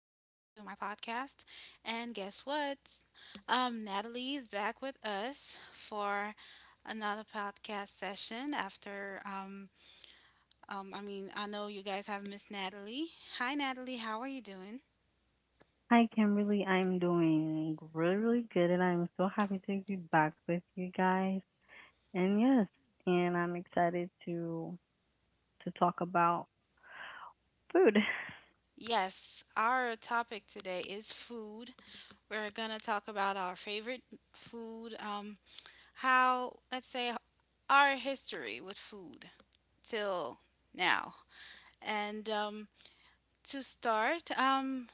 my podcast. And guess what? Natalie is back with us for another podcast session after, I mean, I know you guys have missed Natalie. Hi, Natalie. How are you doing? Hi Kimberly, I'm doing really, really good and I'm so happy to be back with you guys. And yes, and I'm excited to talk about food. Yes, our topic today is food. We're gonna talk about our favorite food, how, let's say, our history with food till now. And to start,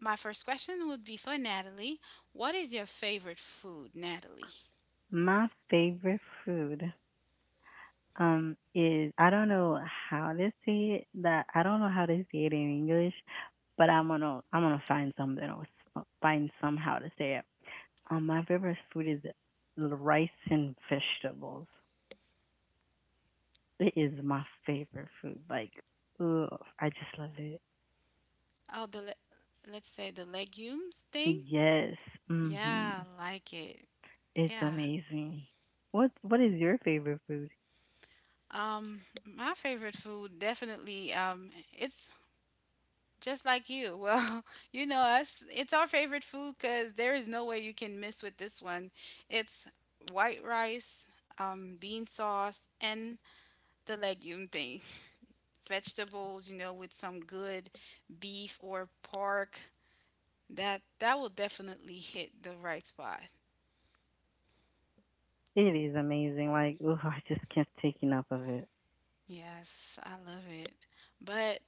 my first question would be for Natalie. What is your favorite food, Natalie? My favorite food is I don't know how to say it that I don't know how to say it in English, but I'm gonna find something else find somehow to say it. My favorite food is rice and vegetables. It is my favorite food. Like, I just love it. Oh, let's say the legumes thing. Yes. Yeah, Mhm. I like it. It's Yeah. amazing. What is your favorite food? My favorite food, definitely. It's just like you. Well, you know us. It's our favorite food because there is no way you can miss with this one. It's white rice, bean sauce, and the legume thing. Vegetables with some good beef or pork, that will definitely hit the right spot. It is amazing. Like, I just can't take enough of it. Yes, I love it. But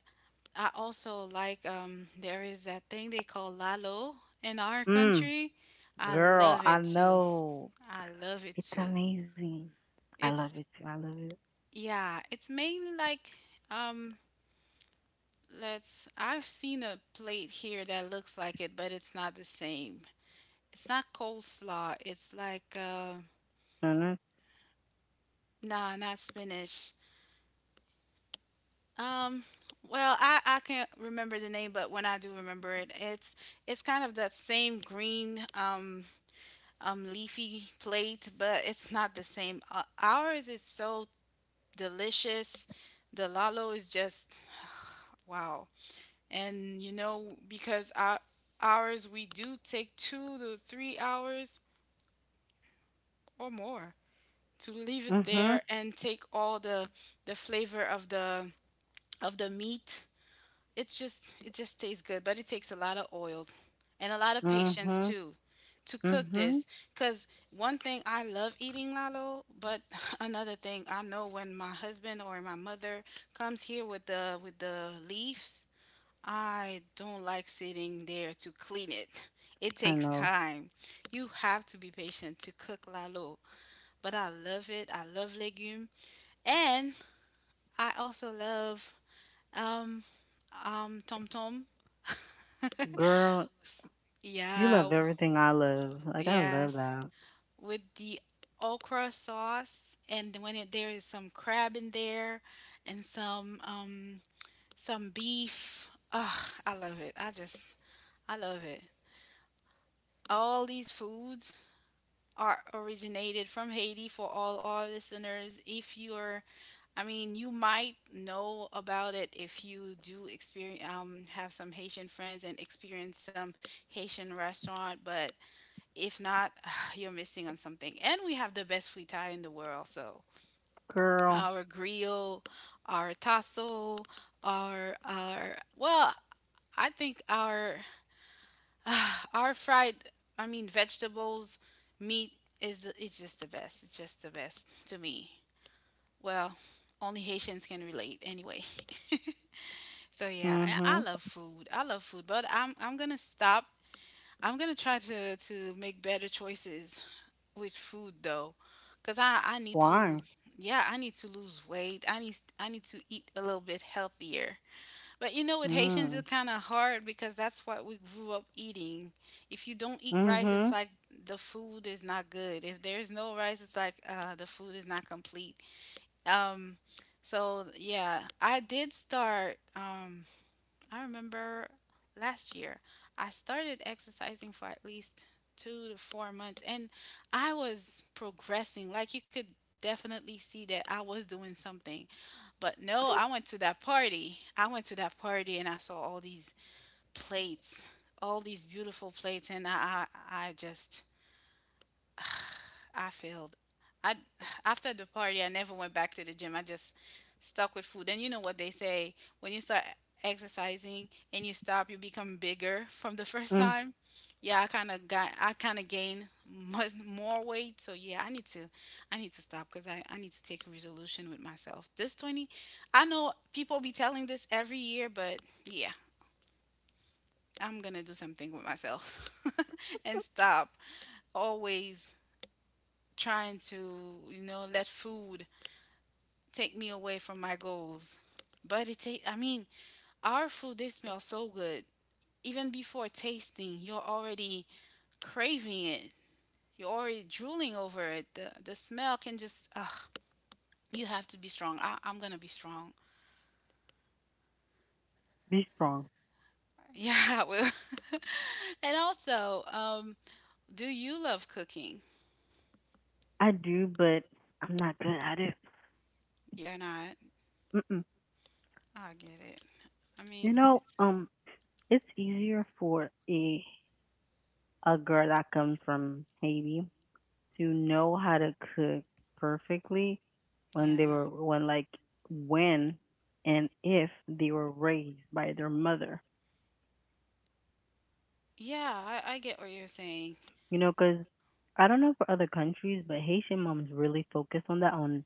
I also like, there is that thing they call lalo in our Mm, country. I girl, love I it too. know. I love it It's too. amazing. I love it It's too. I love it. Yeah, it's mainly like, um let's I've seen a plate here that looks like it, but it's not the same. It's not coleslaw. It's like, uh Mhm. Nah, not spinach. Um, well, I can't remember the name, but when I do remember it, it's kind of that same green, leafy plate, but it's not the same. Ours is so delicious. The lalo is just wow. And because ours we do take 2 to 3 hours or more to leave it Mhm. there and take all the flavor of the meat. It just tastes good, but it takes a lot of oil and a lot of patience Mhm. too to cook Mhm. this. Cause one thing, I love eating lalo, but another thing I know, when my husband or my mother comes here with the leaves, I don't like sitting there to clean it. It I takes know. time. You have to be patient to cook lalo. But I love it. I love legume. And I also love, um, Tom Tom. Girl, you Yeah, love everything I love. Like I love yes, that. with the okra sauce, and when it, there is some crab in there, and some beef. Ugh, I love it. I love it. All these foods are originated from Haiti. For all our listeners, If you're I mean, you might know about it if you do experience, have some Haitian friends and experience some Haitian restaurant, but if not, you're missing on something. And we have the best food Thai in the world, so Girl. our grill, our tasso, our, well, I think our our fried, I mean, vegetables, meat is it's just the best. It's just the best to me. Well, only Haitians can relate anyway. So yeah, I Mhm. love food. I love food, but I'm gonna stop. I'm gonna try to make better choices with food though, cause I need to, Why? yeah, I need to lose weight. I need to eat a little bit healthier. But, you know, with Haitians Mm. it's kind of hard because that's what we grew up eating. If you don't eat rice, it's Mm-hmm. like the food is not good. If there's no rice, it's like, the food is not complete. Um, so yeah, I did start. I remember last year I started exercising for at least 2 to 4 months, and I was progressing. Like, you could definitely see that I was doing something. But no, I went to that party. I went to that party and I saw all these plates, all these beautiful plates, and I just I failed. I After the party, I never went back to the gym. I just stuck with food. And you know what they say: when you start exercising and you stop, you become bigger from the first Mm, time. Yeah, I kind of gained much more weight. So yeah, I need to stop, cuz I need to take a resolution with myself. This 20, I know people be telling this every year, but yeah, I'm going to do something with myself and stop always trying to, you know, let food take me away from my goals. But, it take I mean, our food, they smell so good. Even before tasting, you're already craving it. You're already drooling over it. The smell can just ugh. You have to be strong. I'm gonna be strong. be strong. Yeah, I will. And also, do you love cooking? I do, but I'm not good at it. You're not. Mm-mm. I get it. I You mean, know, it's, it's easier for a girl that comes from Haiti to know how to cook perfectly when they yeah. were when like when and if they were raised by their mother. Yeah, I get what you're saying. You know, 'cause I don't know for other countries, but Haitian moms really focus on that on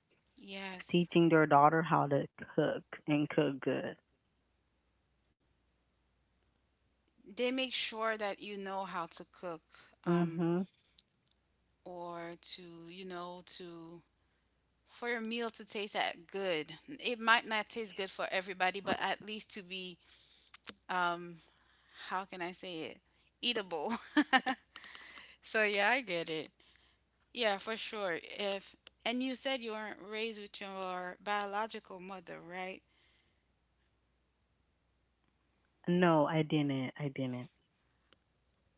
teaching Yes. their daughter how to cook and cook good. They make sure that you know how to cook, um, Hmm or to, you know, to for your meal to taste that good. It might not taste good for everybody, but at least to be, um, how can I say it, eatable. So yeah, I get it. Yeah, for sure. If and you said you weren't raised with your biological mother, right? No, I didn't. I didn't.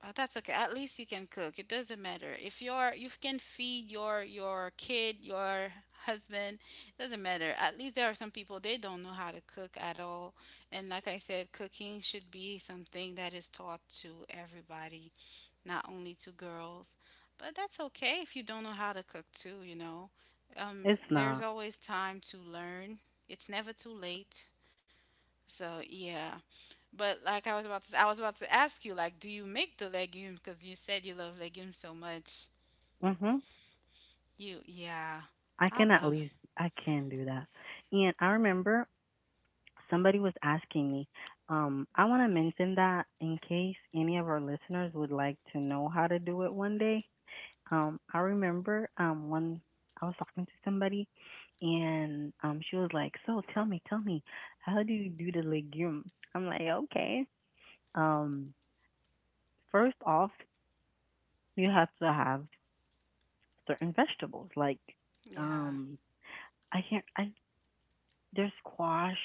Well, that's okay. At least you can cook. It doesn't matter. If you're you can feed your kid, your husband, doesn't matter. At least, there are some people, they don't know how to cook at all. And like I said, cooking should be something that is taught to everybody, not only to girls. But that's okay if you don't know how to cook too, you know. It's There's not. always time to learn. It's never too late. So yeah, but like I was about to ask you, like, do you make the legumes? Because you said you love legumes so much. Mhm. Yeah, I I can at love, least I can do that. And I remember somebody was asking me. I want to mention that in case any of our listeners would like to know how to do it one day. I remember when I was talking to somebody, and she was like, "So tell me, how do you do the legume?" I'm like, "Okay." Um, First off, you have to have certain vegetables. Like yeah, um, I can't. I there's squash.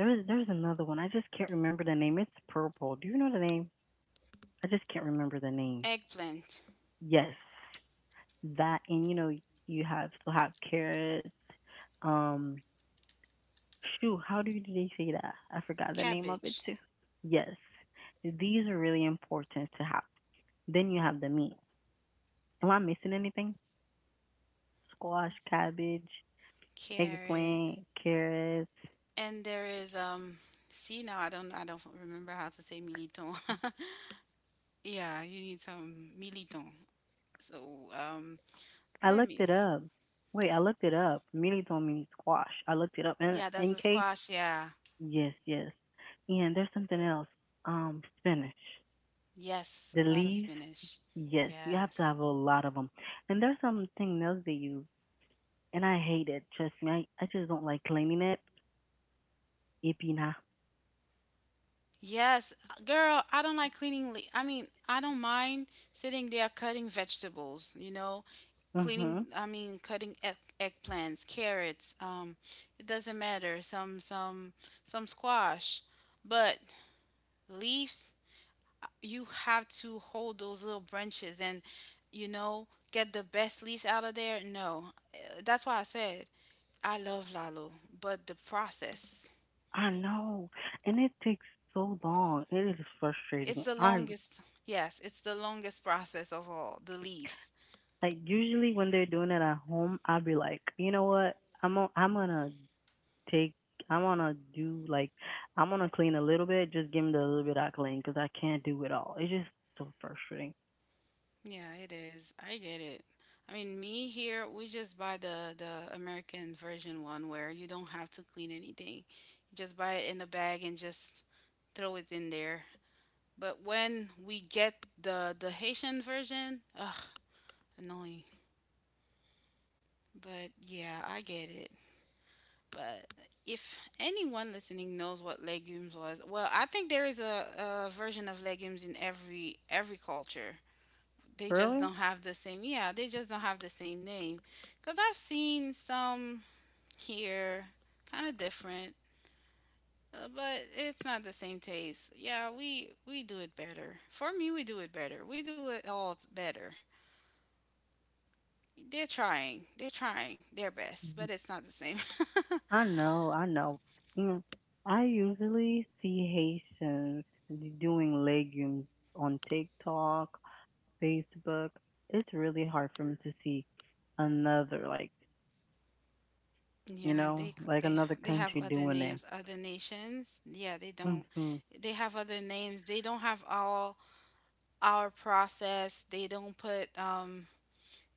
There's another one. I just can't remember the name. It's purple. Do you know the name? I just can't remember the name. eggplant, Yes, that and you know you have still have carrots. Um, shoot, how do they say that? I forgot the name of it cabbage, too. Yes, these are really important to have. Then you have the meat. Am I missing anything? Squash, cabbage, carrot, eggplant, carrots. and there is. See now, I don't remember how to say militon. Yeah, you need some militon. So um, I let looked me. it up. Wait, I looked it up. Mealy don't mean squash. I looked it up. And Yeah, that's in a case, squash. Yeah, yes, yes. And there's something else. Spinach. yes, The a lot of leaves. spinach. Yes, you have to Yes. have a lot of them. And there's something else they use, and I hate it. Trust me, I just don't like cleaning it. Ipina. Yes, girl, I don't like cleaning. I mean, I don't mind sitting there cutting vegetables, you know, Mhm. cleaning, I mean, cutting eggplants, carrots, it doesn't matter, some squash. But leaves, you have to hold those little branches and get the best leaves out of there. No. That's why I said I love Lalo, but the process. I know, and it takes so long. It is It's frustrating. the I longest, yes, it's the longest process of all, the leaves. like usually when they're doing it at home, I'll be like, you know what? I'm I I'm gonna take I'm gonna do like I'm gonna clean a little bit, just give me the little bit I clean because I can't do it all. It's just so frustrating. Yeah, it is. I get it. I mean, me here, we just buy the American version one, where you don't have to clean anything. You just buy it in a bag and just throw it in there. But when we get the Haitian version, ugh, annoying. But yeah, I get it. But if anyone listening knows what legumes was, well, I think there is a version of legumes in every culture. They just Really? don't have the same. Yeah, they just don't have the same name. Cause I've seen some here, kind of different, but it's not the same taste. Yeah, we do it better. For me, we do it better. We do it all better. They're trying. They're trying their best, Mhm. but it's not the same. I know, I know. You know, I usually see Haitians doing legumes on TikTok, Facebook. It's really hard for me to see another, like, you Yeah, they know, c- like another they have country other doing it. names, other nations. Yeah, they don't. Hmm They have other names. They don't have all our process. They don't put um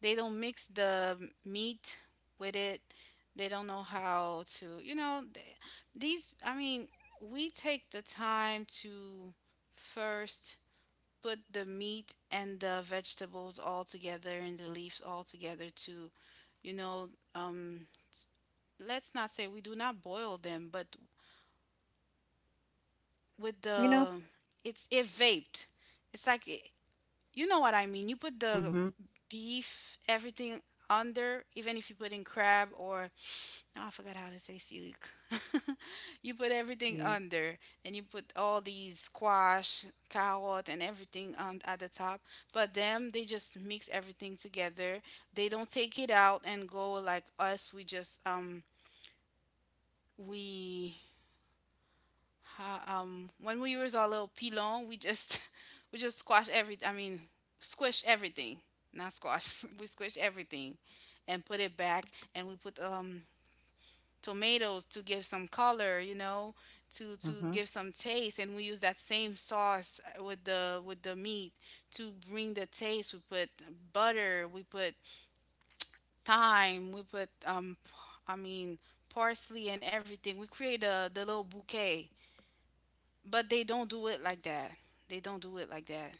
they don't mix the meat with it. They don't know how to, you know, th- these I mean, we take the time to first put the meat and the vegetables all together, and the leaves all together, to, you know, um let's not say we do not boil them, but with You know? the it's it vaped. It's like it, you know what I mean. You put the Hmm beef, everything under, even if you put in crab or, now I forgot how to say, seaweed. You put everything You, under, and you put all these squash, carrot, and everything on at the top. But them, they just mix everything together. They don't take it out and go like us. We just we Ha- When we was our little pilon, we just we just squash every. I mean, squish everything, not squash. We squish everything, and put it back, and we put, tomatoes, to give some color, you know, to mm-hmm. give some taste, and we use that same sauce, with the meat to bring the taste. We put butter, we put thyme, we put, I mean, parsley and everything. We create a the little bouquet, but they don't do it like that. They don't do it like that.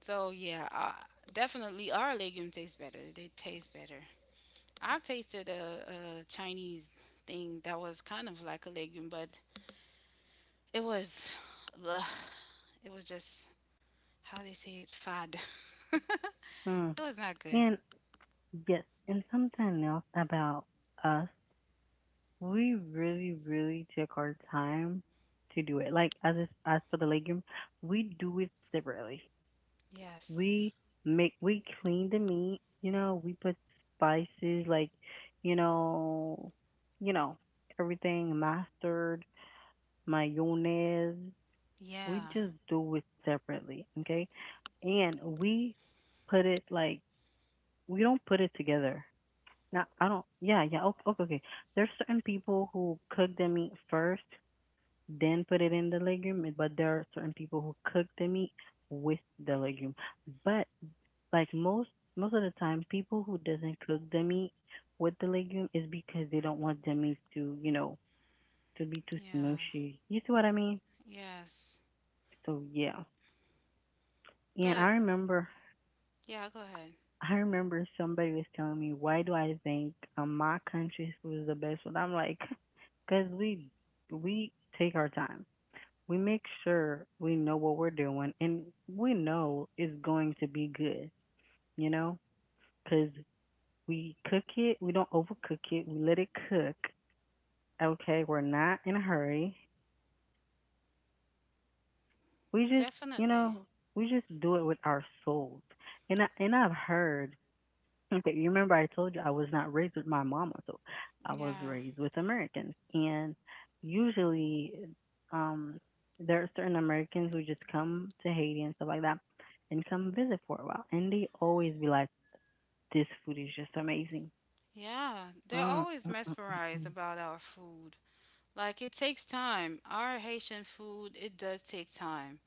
So yeah, definitely our legumes taste better. They taste better. I've tasted a Chinese thing that was kind of like a legume, but it was, bleh, it was just how they say it, fad. It hmm Mm. was not good. And yes, and something else about us, we really, really take our time to do it. Like as for the legume, we do it separately. Yes. We make we clean the meat. You know, we put spices like, you know, you know everything mustard, mayonnaise. We Yeah. just do it separately, okay? And we put it like we don't put it together. Now I don't. Yeah, yeah. Okay, okay, okay. There's certain people who cook the meat first, then put it in the legume, but there are certain people who cook the meat with the legume. But like most of the time, people who doesn't cook the meat with the legume is because they don't want the meat to, you know, to be too Yeah. smushy. You see what I mean? Yes. So yeah. And But yeah, go ahead. I remember somebody was telling me, why do I think my country's food is the best food? I'm like, because we take our time. We make sure we know what we're doing, and we know it's going to be good, you know, because we cook it. We don't overcook it. We let it cook. Okay, we're not in a hurry. We just, you Definitely. know, we just do it with our soul. And I've heard. Okay, you remember I told you I was not raised with my mama, so I was Yeah. raised with Americans, and usually, um, there are certain Americans who just come to Haiti and stuff like that, and come visit for a while, and they always be like, "This food is just amazing." Yeah. They're Mm, always mm, mesmerized mm, about our food. Like it takes time. Our Haitian food, it does take time,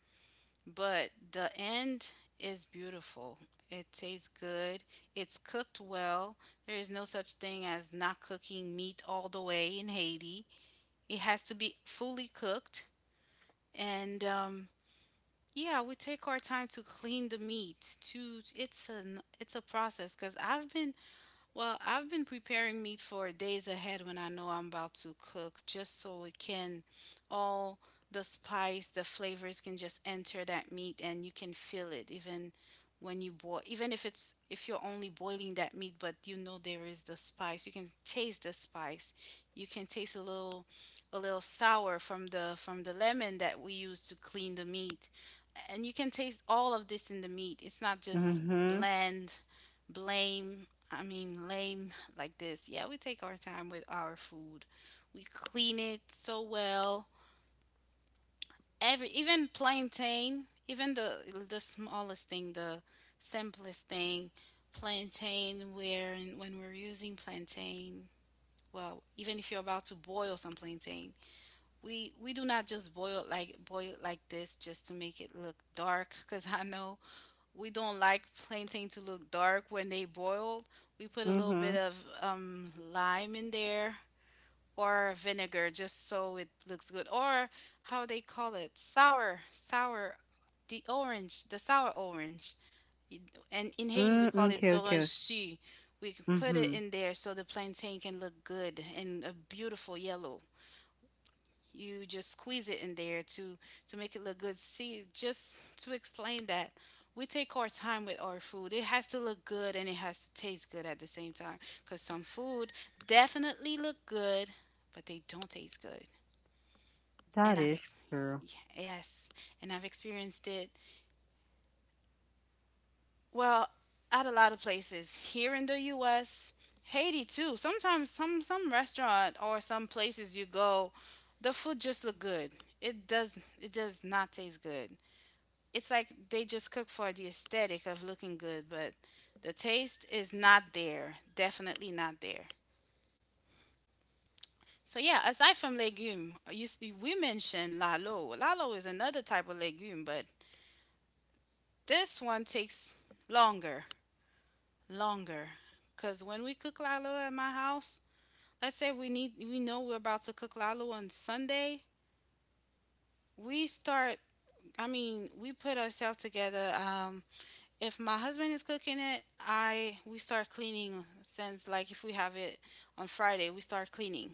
but the end is beautiful. It tastes good. It's cooked well. There is no such thing as not cooking meat all the way in Haiti. It has to be fully cooked. And Yeah, we take our time to clean the meat. To it's a process because I've been well, I've been preparing meat for days ahead when I know I'm about to cook, just so it can all the spice, the flavors can just enter that meat, and you can feel it even when you boil, even if it's if you're only boiling that meat, but you know there is the spice, you can taste the spice. You can taste a little sour from the lemon that we use to clean the meat. And you can taste all of this in the meat. It's not mm, just mm. Mhm, bland blame I mean, lame like this. Yeah, we take our time with our food. We clean it so well. Every even plantain, even the smallest thing, the simplest thing, plantain. Where when we're using plantain, well, even if you're about to boil some plantain, we do not just boil it like this just to make it look dark. Cause I know we don't like plantain to look dark when they boil. We put a little bit mhm, of lime in there or vinegar just so it looks good. Or how they call it sour, sour, the orange, the sour orange. And in Haiti, we mm, call mm, it okay, okay, zoranchi. We can put it mhm. in there so the plantain can look good and a beautiful yellow. You just squeeze it in there to make it look good, see, just to explain that we take our time with our food. It has to look good and it has to taste good at the same time, because some food definitely look good but they don't taste good. and That i've is ex- true. yes, and I've experienced it. Well, at a lot of places here in the US, Haiti too, sometimes some restaurant or some places you go, the food just look good. It does not taste good. It's like they just cook for the aesthetic of looking good, but the taste is not there. Definitely not there. So yeah, aside from legume, you see, we mentioned lalo. Lalo is another type of legume, but this one takes longer, longer. Cause when we cook lalo at my house, let's say we need we know we're about to cook lalo on Sunday, we start. I mean, we put ourselves together. If my husband is cooking it, I we start cleaning since like if we have it on Friday, we start cleaning.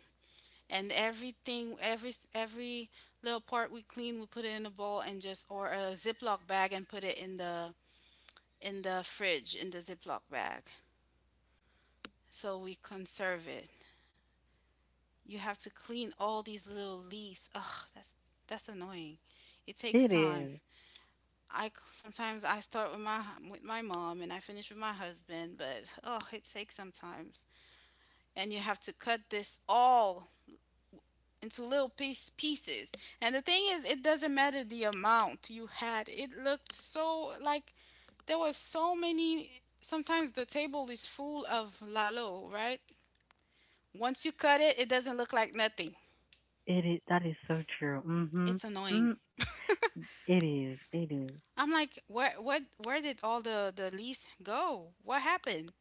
And everything every little part we clean, we put it in a bowl and just or a Ziploc bag and put it in the fridge in the Ziploc bag, so we conserve it. You have to clean all these little leaves. Ugh, that's annoying. It takes It time. is. I sometimes I start with my mom and I finish with my husband, but oh, it takes sometimes. And you have to cut this all into little piece pieces. And the thing is, it doesn't matter the amount you had. It looked so like there was so many. Sometimes the table is full of lalo, right? Once you cut it, it doesn't look like nothing. It is. That is so true. Mhm, It's annoying. mm. It is. It is. I'm like, where, what, where did all the leaves go? What happened?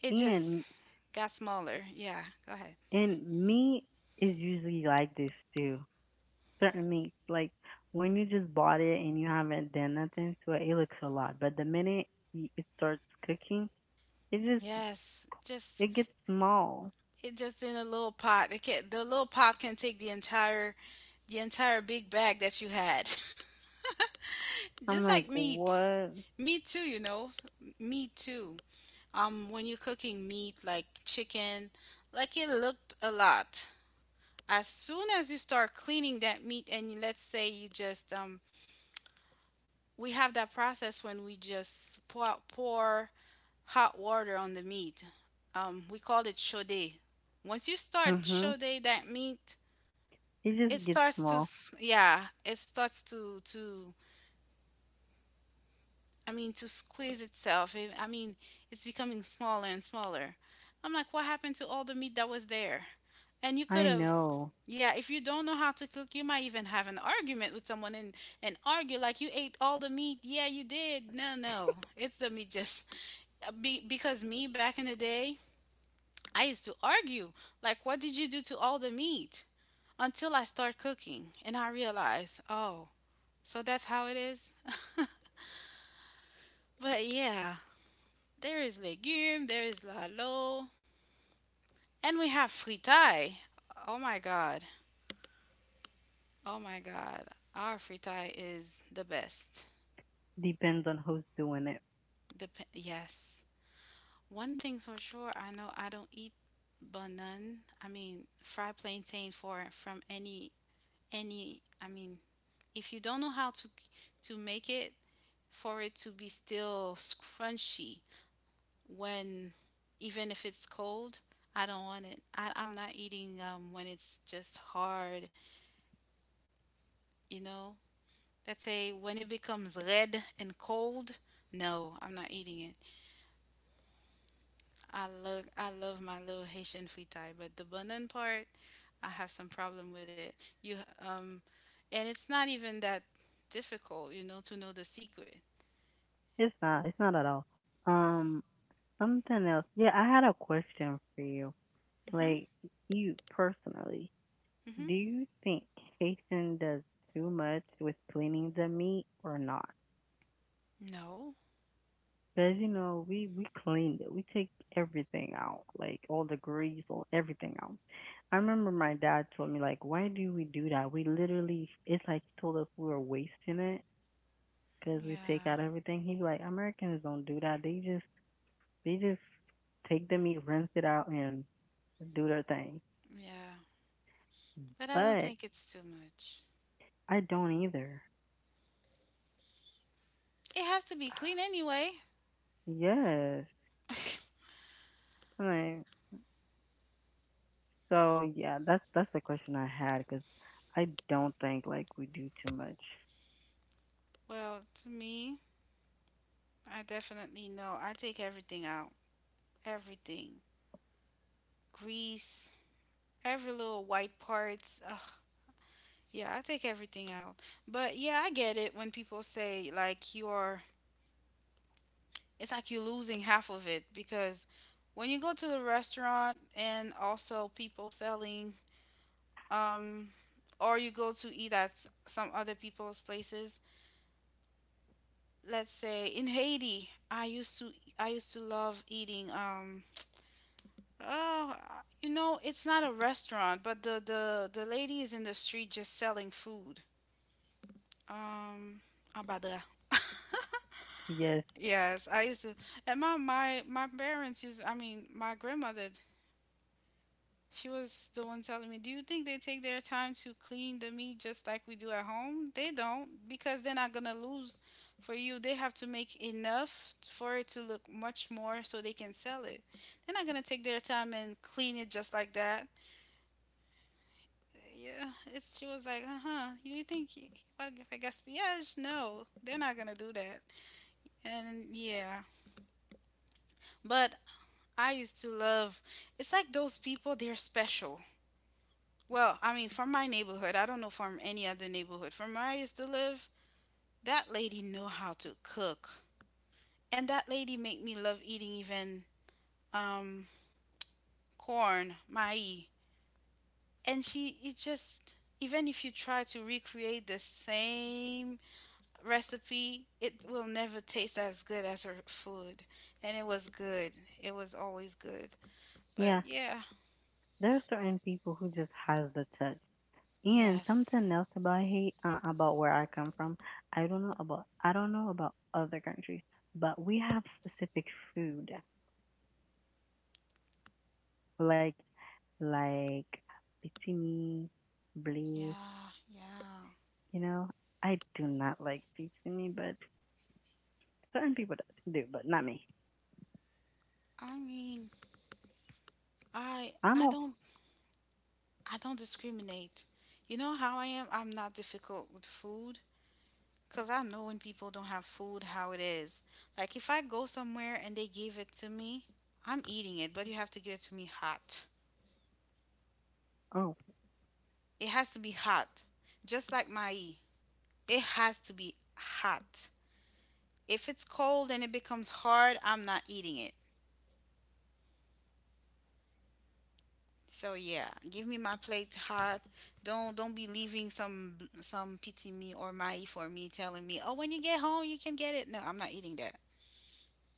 It just And got smaller. Yeah, go ahead. And meat is usually like this too. Certain meats, like when you just bought it and you haven't done nothing to it, it looks a lot. But the minute it starts cooking, it just Yes, just it gets small. it just in a little pot. They can the little pot can take the entire big bag that you had. I'm Just like, like meat. what? Meat too, you know. Meat too. When you're cooking meat like chicken, like it looked a lot. As soon as you start cleaning that meat and you- let's say you just we have that process when we just pour out- pour hot water on the meat. We call it chode. Once you start Mhm. chode that meat, It it just gets starts to small. s- yeah it starts to I mean to squeeze itself. It- I mean it's becoming smaller and smaller. I'm like, what happened to all the meat that was there, and you I could have know. yeah if you don't know how to cook you might even have an argument with someone and argue like you ate all the meat yeah you did no no it's the meat just because me back in the day I used to argue like what did you do to all the meat until I start cooking and I realize oh. So that's how it is. But yeah, there is legume, there is lalo, and we have fritai. Oh my god. Oh my god. Our fritai is the best. Depends on who's doing it. Dep- yes. One thing's for sure, I know I don't eat banan. I mean, fried plantain for from any I mean, if you don't know how to make it for it to be still crunchy when even if it's cold, I don't want it. I'm not eating when it's just hard, you know? Let's say when it becomes red and cold, no, I'm not eating it. I love my little Haitian fritai, but the bundon part, I have some problem with it. You um, and it's not even that difficult, you know, to know the secret. It's not. It's not at all. Um, something else. Yeah, I had a question for you. Mhm. Like you personally, Mhm. do you think Haitian does too much with cleaning the meat or not? No. Because you know, we cleaned it. We take everything out, like all the grease, all everything out. I remember my dad told me like, why do we do that? We literally, it's like he told us we were wasting it because we take Yeah. out everything. He's like, Americans don't do that. They just they just take the meat, rinse it out, and do their thing. Yeah. But I don't But think it's too much. I don't either. It has to be clean anyway. Yes. I'm like, so yeah, that's the question I had because I don't think like we do too much. Well, to me, I definitely know. I take everything out. Everything. Grease, every little white parts. Ugh. Yeah, I take everything out. But yeah, I get it when people say like you're it's like you're losing half of it because when you go to the restaurant and also people selling um or you go to eat at s- some other people's places. Let's say in Haiti, I used to love eating um. Oh, I- you know, it's not a restaurant, but the lady is in the street just selling food. Um, abada. Yes, Yes, I used to. And my parents used. I mean, my grandmother. She was the one telling me, "Do you think they take their time to clean the meat just like we do at home? They don't, because they're not gonna lose for you. They have to make enough for it to look much more so they can sell it. They're not gonna take their time and clean it just like that." Yeah, it's she was like, uh huh. You think he- if I guess yes, no, they're not gonna do that. And yeah, but I used to love. It's like those people. They're special. Well, I mean, from my neighborhood. I don't know from any other neighborhood. From where I used to live, that lady know how to cook, and that lady make me love eating even um corn, mai, and she it just even if you try to recreate the same recipe, it will never taste as good as her food. And it was good. It was always good. But yeah, yeah. there are certain people who just has the touch. And Yes. something else about hate about where I come from, I don't know about other countries, but we have specific food like like bitzimi, blee. Yeah. Yeah. You know, I do not like bitzimi, but certain people do, but not me. I mean, I I'm all don't I don't discriminate. You know how I am? I'm not difficult with food cuz I know when people don't have food how it is. Like if I go somewhere and they give it to me, I'm eating it, but you have to give it to me hot. oh It has to be hot. Just like my E. It has to be hot. If it's cold and it becomes hard, I'm not eating it. So yeah, give me my plate hot. Don't be leaving some pizza me or mai for me telling me, "Oh, when you get home, you can get it." No, I'm not eating that.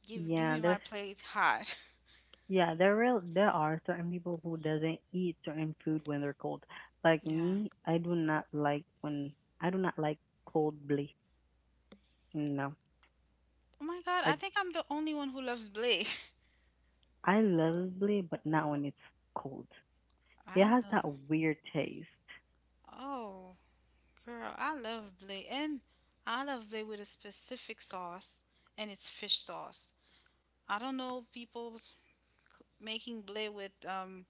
Give yeah, me my there's plate hot. Yeah, there are certain people who doesn't eat certain food when they're cold. Like Yeah. me, I do not like cold blee. No, Oh my god, I I think I'm the only one who loves Blay. I love blee, but not when it's cold. It I has that love weird taste. oh, girl, I love Blay. And I love Blay with a specific sauce, and it's fish sauce. I don't know people making Blay with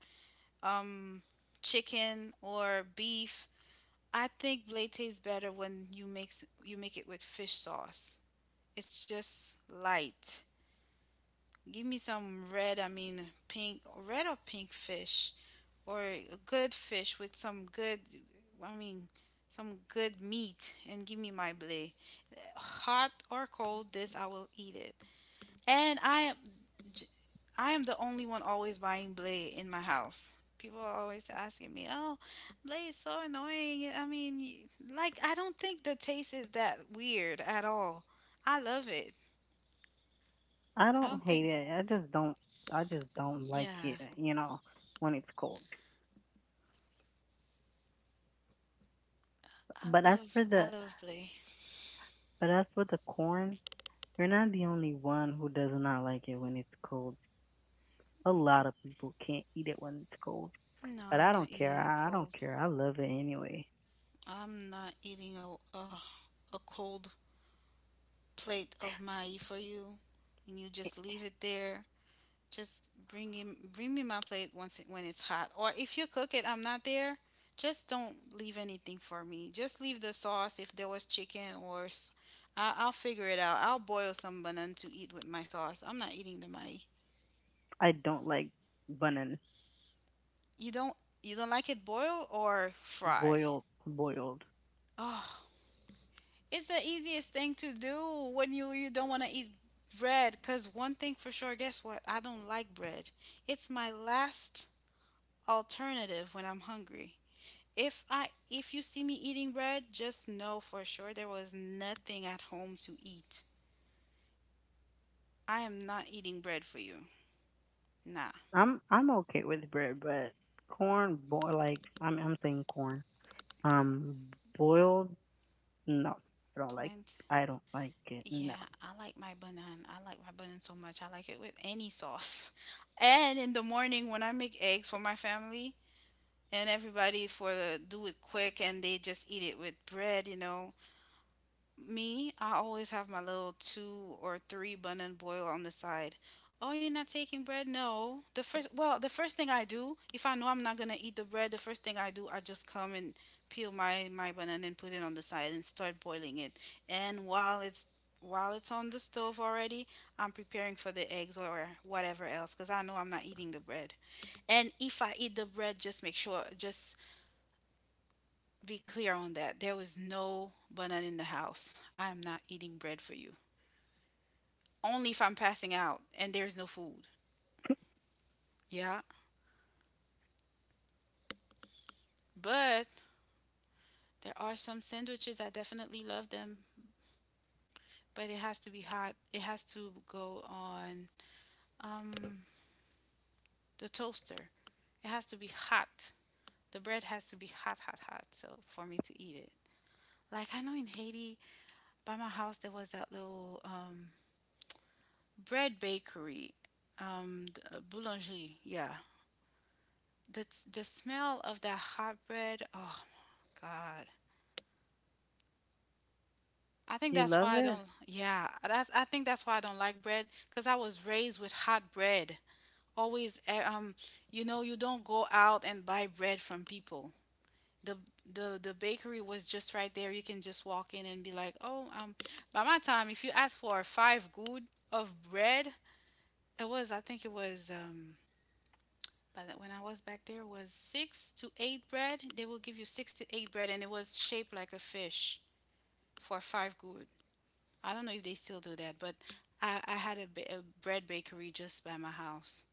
um, chicken or beef. I think blade tastes better when you mix you make it with fish sauce. It's just light. Give me some red, I mean pink, red or pink fish, or a good fish with some good, I mean, some good meat, and give me my blade. Hot or cold, this I will eat it. And I am the only one always buying Blade in my house. People are always asking me, "Oh, Blade is so annoying." I mean, y- like I don't think the taste is that weird at all. I love it. I I don't don't hate think. it. I just don't. I just don't like it. Yeah, You know, when it's cold. I But as love for I the love Blade. but as for the corn, you're not the only one who does not like it when it's cold. A lot of people can't eat it when it's cold. No, But I'm I not don't care. eating it I don't cold. care. I love it anyway. I'm not eating a cold plate of my for you, and you just leave it there. Bring me my plate when it's hot. Or if you cook it, I'm not there. Just don't leave anything for me. Just leave the sauce if there was chicken or I'll figure it out. I'll boil some banana to eat with my sauce. I'm not eating the mai. I don't like bun You don't you don't like it boiled or fry? boiled boiled. Oh, it's the easiest thing to do when you don't want to eat bread, cuz one thing for sure, guess what? I don't like bread. It's my last alternative when I'm hungry. If you see me eating bread, just know for sure there was nothing at home to eat. I am not eating bread for you. Nah. I'm okay with bread, but corn boil like I'm saying corn. Um, boiled no. I don't like Plant. I don't like it. No. Yeah, I like my banana. I like my banana so much. I like it with any sauce. And in the morning when I make eggs for my family and everybody, for the do it quick, and they just eat it with bread, Me, I always have my little two or three bun and boil on the side. Oh, you're not taking bread? No. The first thing I do, if I know I'm not gonna eat the bread, the first thing I do, I just come and peel my banana and put it on the side and start boiling it. And while it's on the stove already, I'm preparing for the eggs or whatever else, because I know I'm not eating the bread. And if I eat the bread, just make sure, just be clear on that, there was no banana in the house. I am not eating bread for you. Only if I'm passing out and there's no food. Yeah. But there are some sandwiches. I definitely love them. But it has to be hot. It has to go on um, the toaster. It has to be hot. The bread has to be hot, hot, hot. So for me to eat it. Like, I know in Haiti, by my house, there was that little bread bakery, um the boulangerie, yeah, the the smell of that hot bread. Oh my God. I think You that's love why I it? don't. Yeah, that's. I think that's why I don't like bread, cause I was raised with hot bread. Always, you know, you don't go out and buy bread from people. The the bakery was just right there. You can just walk in and be like, oh, by my time, if you ask for a five good of bread, it was. I think it was but when I was back, there was six to eight bread. They will give you six to eight bread, and it was shaped like a fish for five good. I don't know if they still do that, but I had a, a bread bakery just by my house,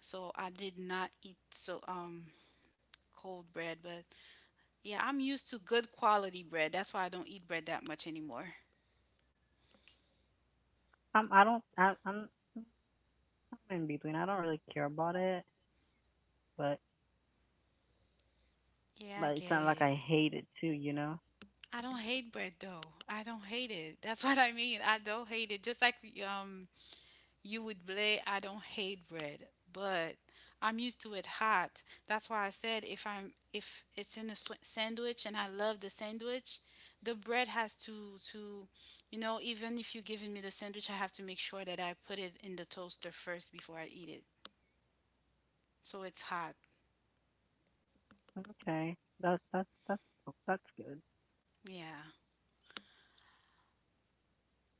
so I did not eat so cold bread. But yeah, I'm used to good quality bread. That's why I don't eat bread that much anymore. I'm I don't I I'm I'm in between. I don't really care about it, but Yeah, I it's get not like it. I hate it too, you know? I don't hate bread though. I don't hate it. That's what I mean. I don't hate it. Just like um you would blame. I don't hate bread, but I'm used to it hot. That's why I said if I'm if it's in a sandwich and I love the sandwich, the bread has to you know, even if you're giving me the sandwich, I have to make sure that I put it in the toaster first before I eat it. So it's hot. Okay. That's good. Yeah.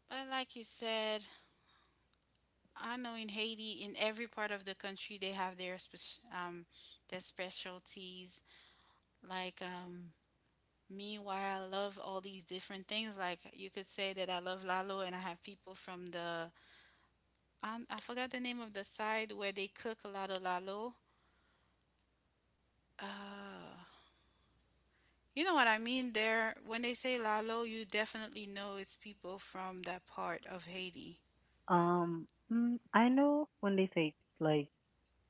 But like you said, I know in Haiti, in every part of the country, they have their their specialties. Like me, why I love all these different things. Like, you could say that I love lalo, and I have people from the I forgot the name of the side where they cook a lot of lalo. Uh, you know what I mean? There, when they say lalo, you definitely know it's people from that part of Haiti. Um, mm, I know when they say like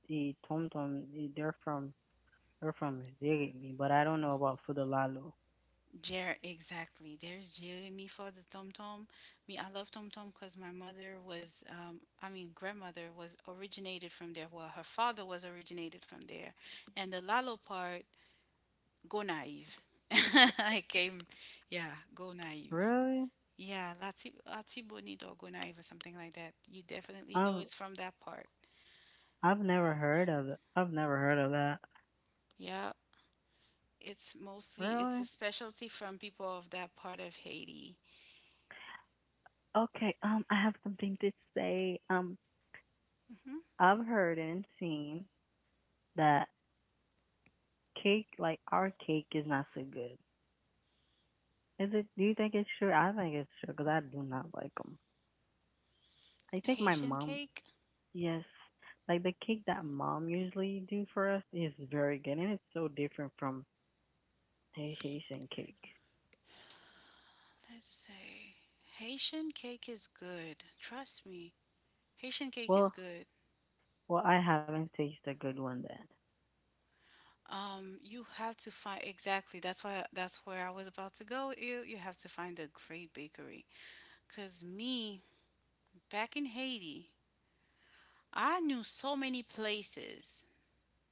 the Tom Tom, eh, they're from Ziggy, but I don't know about Fudalalo. Jer, exactly. There's Jeremy for the tom tom. Me, I love tom tom because my mother was, I mean, grandmother was originated from there. Well, her father was originated from there, and the lalo part go naive. I came, yeah, go naive. Really? Yeah, Lati Bonito or go naive or something like that. You definitely know I've it's from that part. I've never heard of it. I've never heard of that. Yeah, it's mostly, it's a Really? specialty from people of that part of Haiti. Okay. I have something to say. Hmm. I've heard and seen that cake, like our cake, is not so good. Is it? Do you think it's true? I think it's true because I do not like them. I think my Haitian mom. cake. Yes. Like the cake that mom usually do for us is very good and it's so different from Haitian cake. Let's say Haitian cake is good. Trust me, Haitian cake is Well, good. well I haven't tasted a good one You have to find, exactly. That's why. That's where I was about to go. You have to find a great bakery. Cause me, back in Haiti, I knew so many places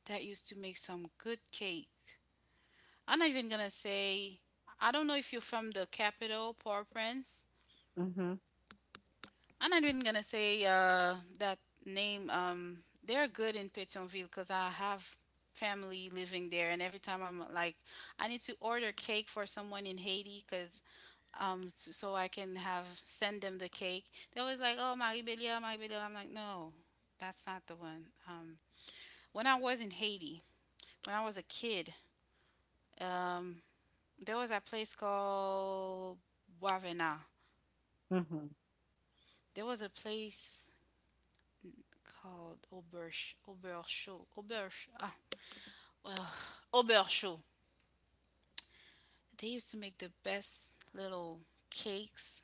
that used to make some good cake. I'm not even gonna say, I don't know if you're from the capital, Port-au-Prince. then. Mhm. I'm not even gonna say that name. They're good in Pétionville because I have family living there, and every time I'm like, I need to order cake for someone in Haiti because so I can have send them the cake. They're always like, "Oh, Marie Belia, Marie Belia." I'm like, "No, that's not the one." When I was in Haiti, when I was a kid, um, there was a place called Boisvenant. Mhm. There was a place called Auberge, ah, ugh, Auberge. They used to make the best little cakes.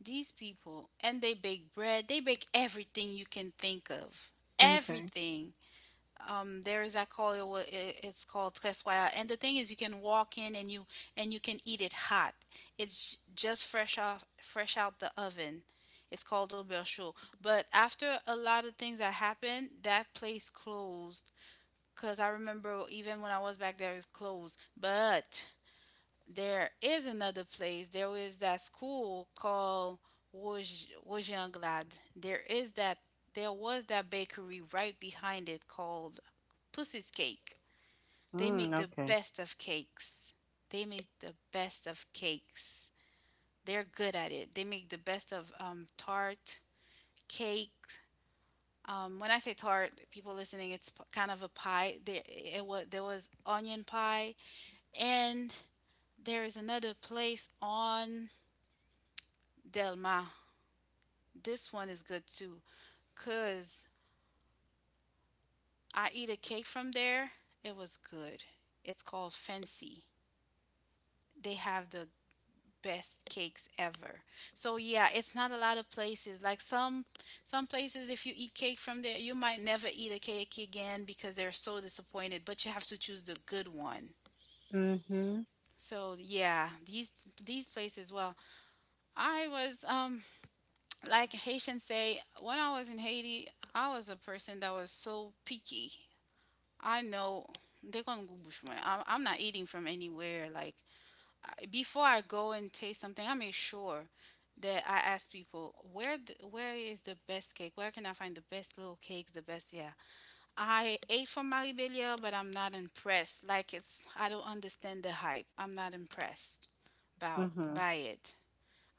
These people, and they bake bread. They bake everything you can think of. Okay. Everything. There is that, call it, it's called tres Guaya. And the thing is, you can walk in and you can eat it hot. It's just fresh off, fresh out the oven. It's called Auberchaux. But after a lot of things that happened, that place closed. Cause I remember even when I was back there, it was closed. But there is another place. There is that school called Wojanglad. There is that. There was that bakery right behind it called Pussy's Cake. They Mm, make the okay. best of cakes. They make the best of cakes. They're good at it. They make the best of tart, cake. When I say tart, people listening, it's kind of a pie. There, it was there was onion pie, and there is another place on Delma. This one is good too. Cause I eat a cake from there. It was good. It's called Fancy. They have the best cakes ever. So yeah, it's not a lot of places. Like, some places if you eat cake from there, you might never eat a cake again because they're so disappointed, but you have to choose the good one. Mhm. So yeah, these places. Well, I was like Haitians say, when I was in Haiti, I was a person that was so picky. I know they're gonna go bush. I'm not eating from anywhere. Like, before I go and taste something, I make sure that I ask people where where is the best cake? Where can I find the best little cakes? The best, yeah. I ate from Maribelia, but I'm not impressed. Like, it's I don't understand the hype. I'm not impressed about Mhm. by it.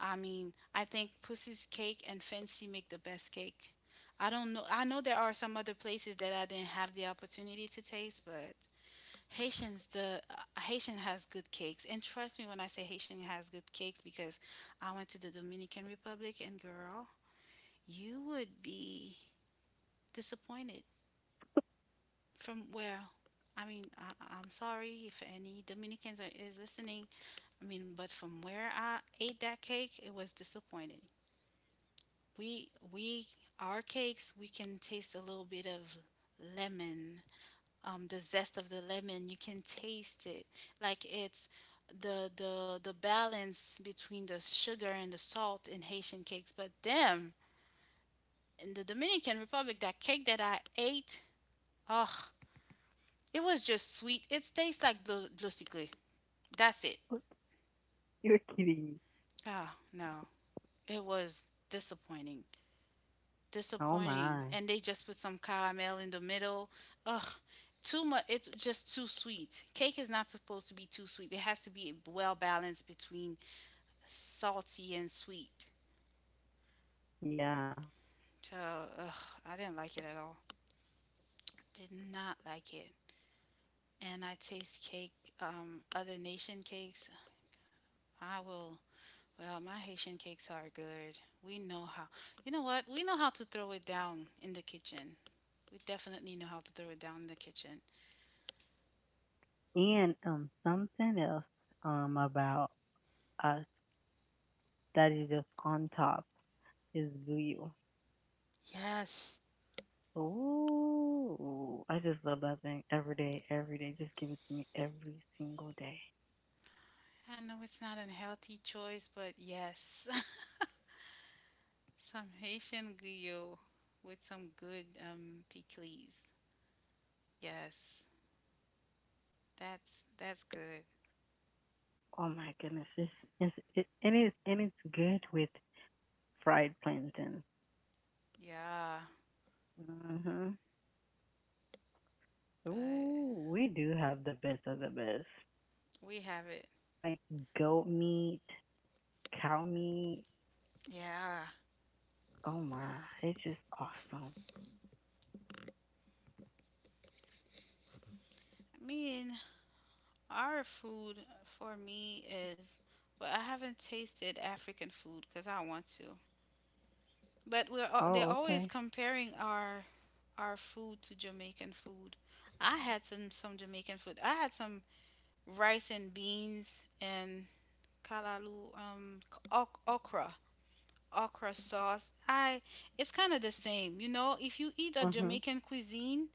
I mean, I think Pussy's Cake and Fancy make the best cake. I don't know. I know there are some other places that I didn't have the opportunity to taste, but Haitians, the Haitian has good cakes, and trust me when I say Haitian has good cakes, because I went to the Dominican Republic, and girl, you would be disappointed from where, I mean, I'm sorry if any Dominicans are, is listening. I mean, but from where I ate that cake, it was disappointing. We our cakes, we can taste a little bit of lemon, the zest of the lemon. You can taste it. Like, it's the the balance between the sugar and the salt in Haitian cakes. But damn, in the Dominican Republic, that cake that I ate, oh, it was just sweet. It tastes like glosicule. That's it. What? You're kidding me. Oh no, it was disappointing. Oh Disappointing, my. and they just put some caramel in the middle. Ugh, too much. It's just too sweet. Cake is not supposed to be too sweet. It has to be well balanced between salty and sweet. Yeah. So ugh, I didn't like it at all. Did not like it. And I taste cake, other nation cakes. I will. Well, my Haitian cakes are good. We know how. You know what? We know how to throw it down in the kitchen. We definitely know how to throw it down in the kitchen. And something else about us that is just on top is blue. Yes. Oh, I just love that thing every day, every day. Just give it to me every single day. I know it's not a healthy choice, but yes. Some Haitian guillot with some good pickles. Yes. That's good. Oh my goodness, it's it, and it's good with fried plantain. Yeah, Mhm. but Ooh, we do have the best of the best, we have it. like goat meat, cow meat. Yeah. Oh my, it's just awesome. I mean, our food for me is, well, I haven't tasted African food because I want to. But they're Oh, always okay. comparing our food to Jamaican food. I had some Jamaican food. I had some rice and beans and kalalu okra sauce. I It's kind of the same, you know. If you eat a Mhm. Jamaican cuisine,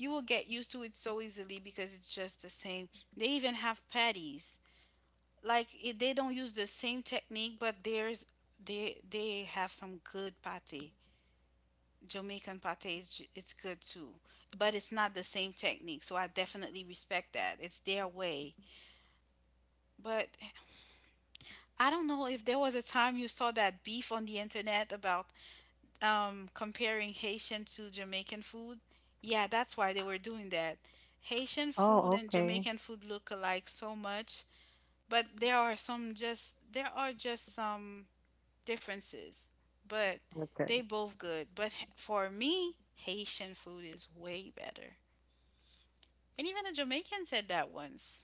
you will get used to it so easily because it's just the same. They even have patties. They don't use the same technique, but there's they have some good pate. Jamaican pate is j- it's good too, but it's not the same technique. So I definitely respect that. It's their way. But I don't know if there was a time you saw that beef on the internet about comparing Haitian to Jamaican food. Yeah, that's why they were doing that. Haitian food Oh, and okay. Jamaican food look alike so much, but there are just some differences, but they Okay, both good. But for me, Haitian food is way better. And even a Jamaican said that once.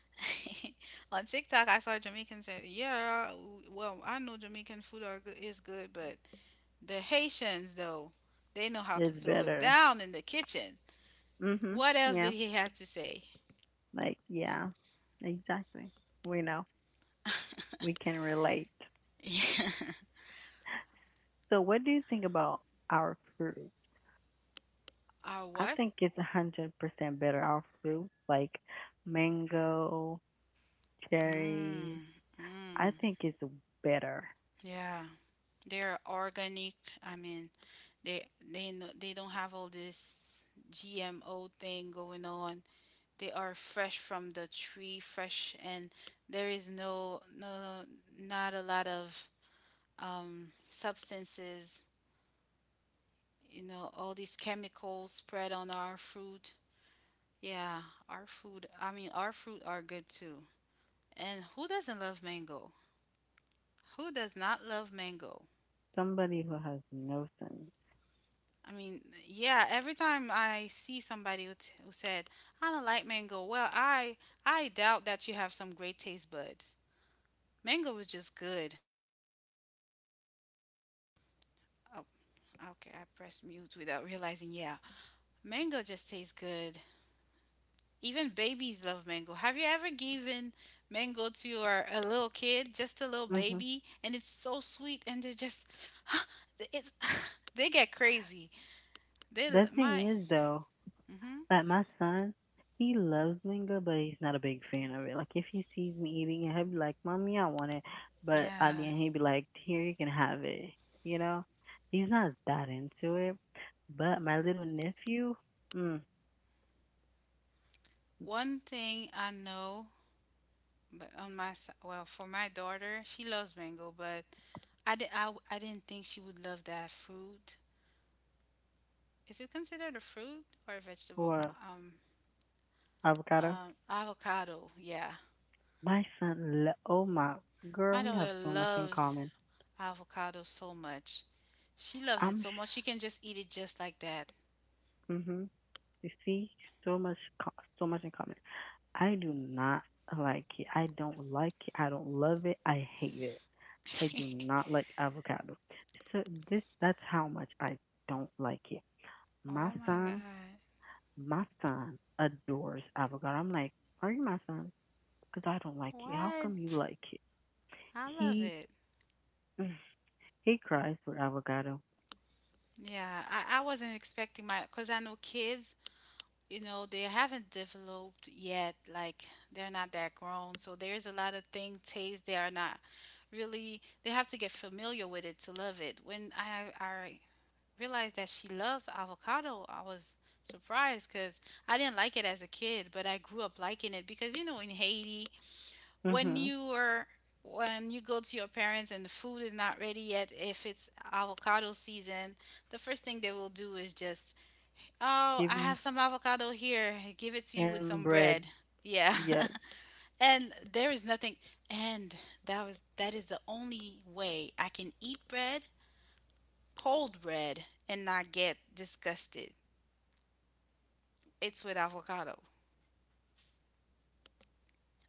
On TikTok, I saw a Jamaican said, "Yeah, well, I know Jamaican food are good, is good, but the Haitians, though, they know how to it's throw it better. down in the kitchen." Mhm. What else Yeah. did he have to say? Like yeah. Exactly. We know. We can relate. So, what do you think about our fruit? Our I what? think it's 100% better our fruit, like mango, cherries. Mm, I mm, think it's better. yeah, they're organic. I mean, they they know, they don't have all this GMO thing going on. They are fresh from the tree, fresh, and there is no not a lot of substances. You know, all these chemicals spread on our fruit. Yeah, our food, I mean, our fruit are good too. And who doesn't love mango? Who does not love mango? Somebody who has no sense. I mean, yeah, every time I see somebody who, who said, "I don't like mango." Well, I doubt that you have some great taste bud. Mango is just good. Oh, okay, I pressed mute without realizing. Yeah. Mango just tastes good. Even babies love mango. Have you ever given mango to your a little kid, just a little Hmm baby, and it's so sweet, and they just, it's, they get crazy. They l- The my, thing is, though, hmm, like my son, he loves mango, but he's not a big fan of it. Like if he sees me eating it, he'll be like, "Mommy, I want it," but at the yeah. end he'll be like, "Here, you can have it." You know, he's not that into it. But my little nephew, mm, One thing I know, but well, for my daughter, she loves mango, but I didn't think she would love that fruit. Is it considered a fruit or a vegetable? for Um, avocado, avocado. Yeah, my son, oh my girl, my we have daughter so much in loves, common. ah, avocado so much. She loves it I'm, so sh- much she can just eat it just like that. mhm, you see, so much, co- so much in common. I do not like it. I don't like it. I don't love it. I hate it. I do not like avocado. So this that's how much I don't like it. My Oh my son, God. my son adores avocado. I'm like, are you my son? Because I don't like it. How What? come you like it? I love He it. he cries for avocado. Yeah, I wasn't expecting my, because I know kids, you know, they haven't developed yet. Like, they're not that grown. So there's a lot of thing taste they are not really, they have to get familiar with it to love it. I realized that she loves avocado, I was surprised because I didn't like it as a kid, but I grew up liking it because you know in Haiti, when Mhm. you are when you go to your parents and the food is not ready yet, if it's avocado season, the first thing they will do is just, oh, I Give have you some avocado here, give it to you with and some bread. bread. Yeah. Yes. and there is nothing and that was that is the only way I can eat bread, cold bread, and not get disgusted. It's with avocado.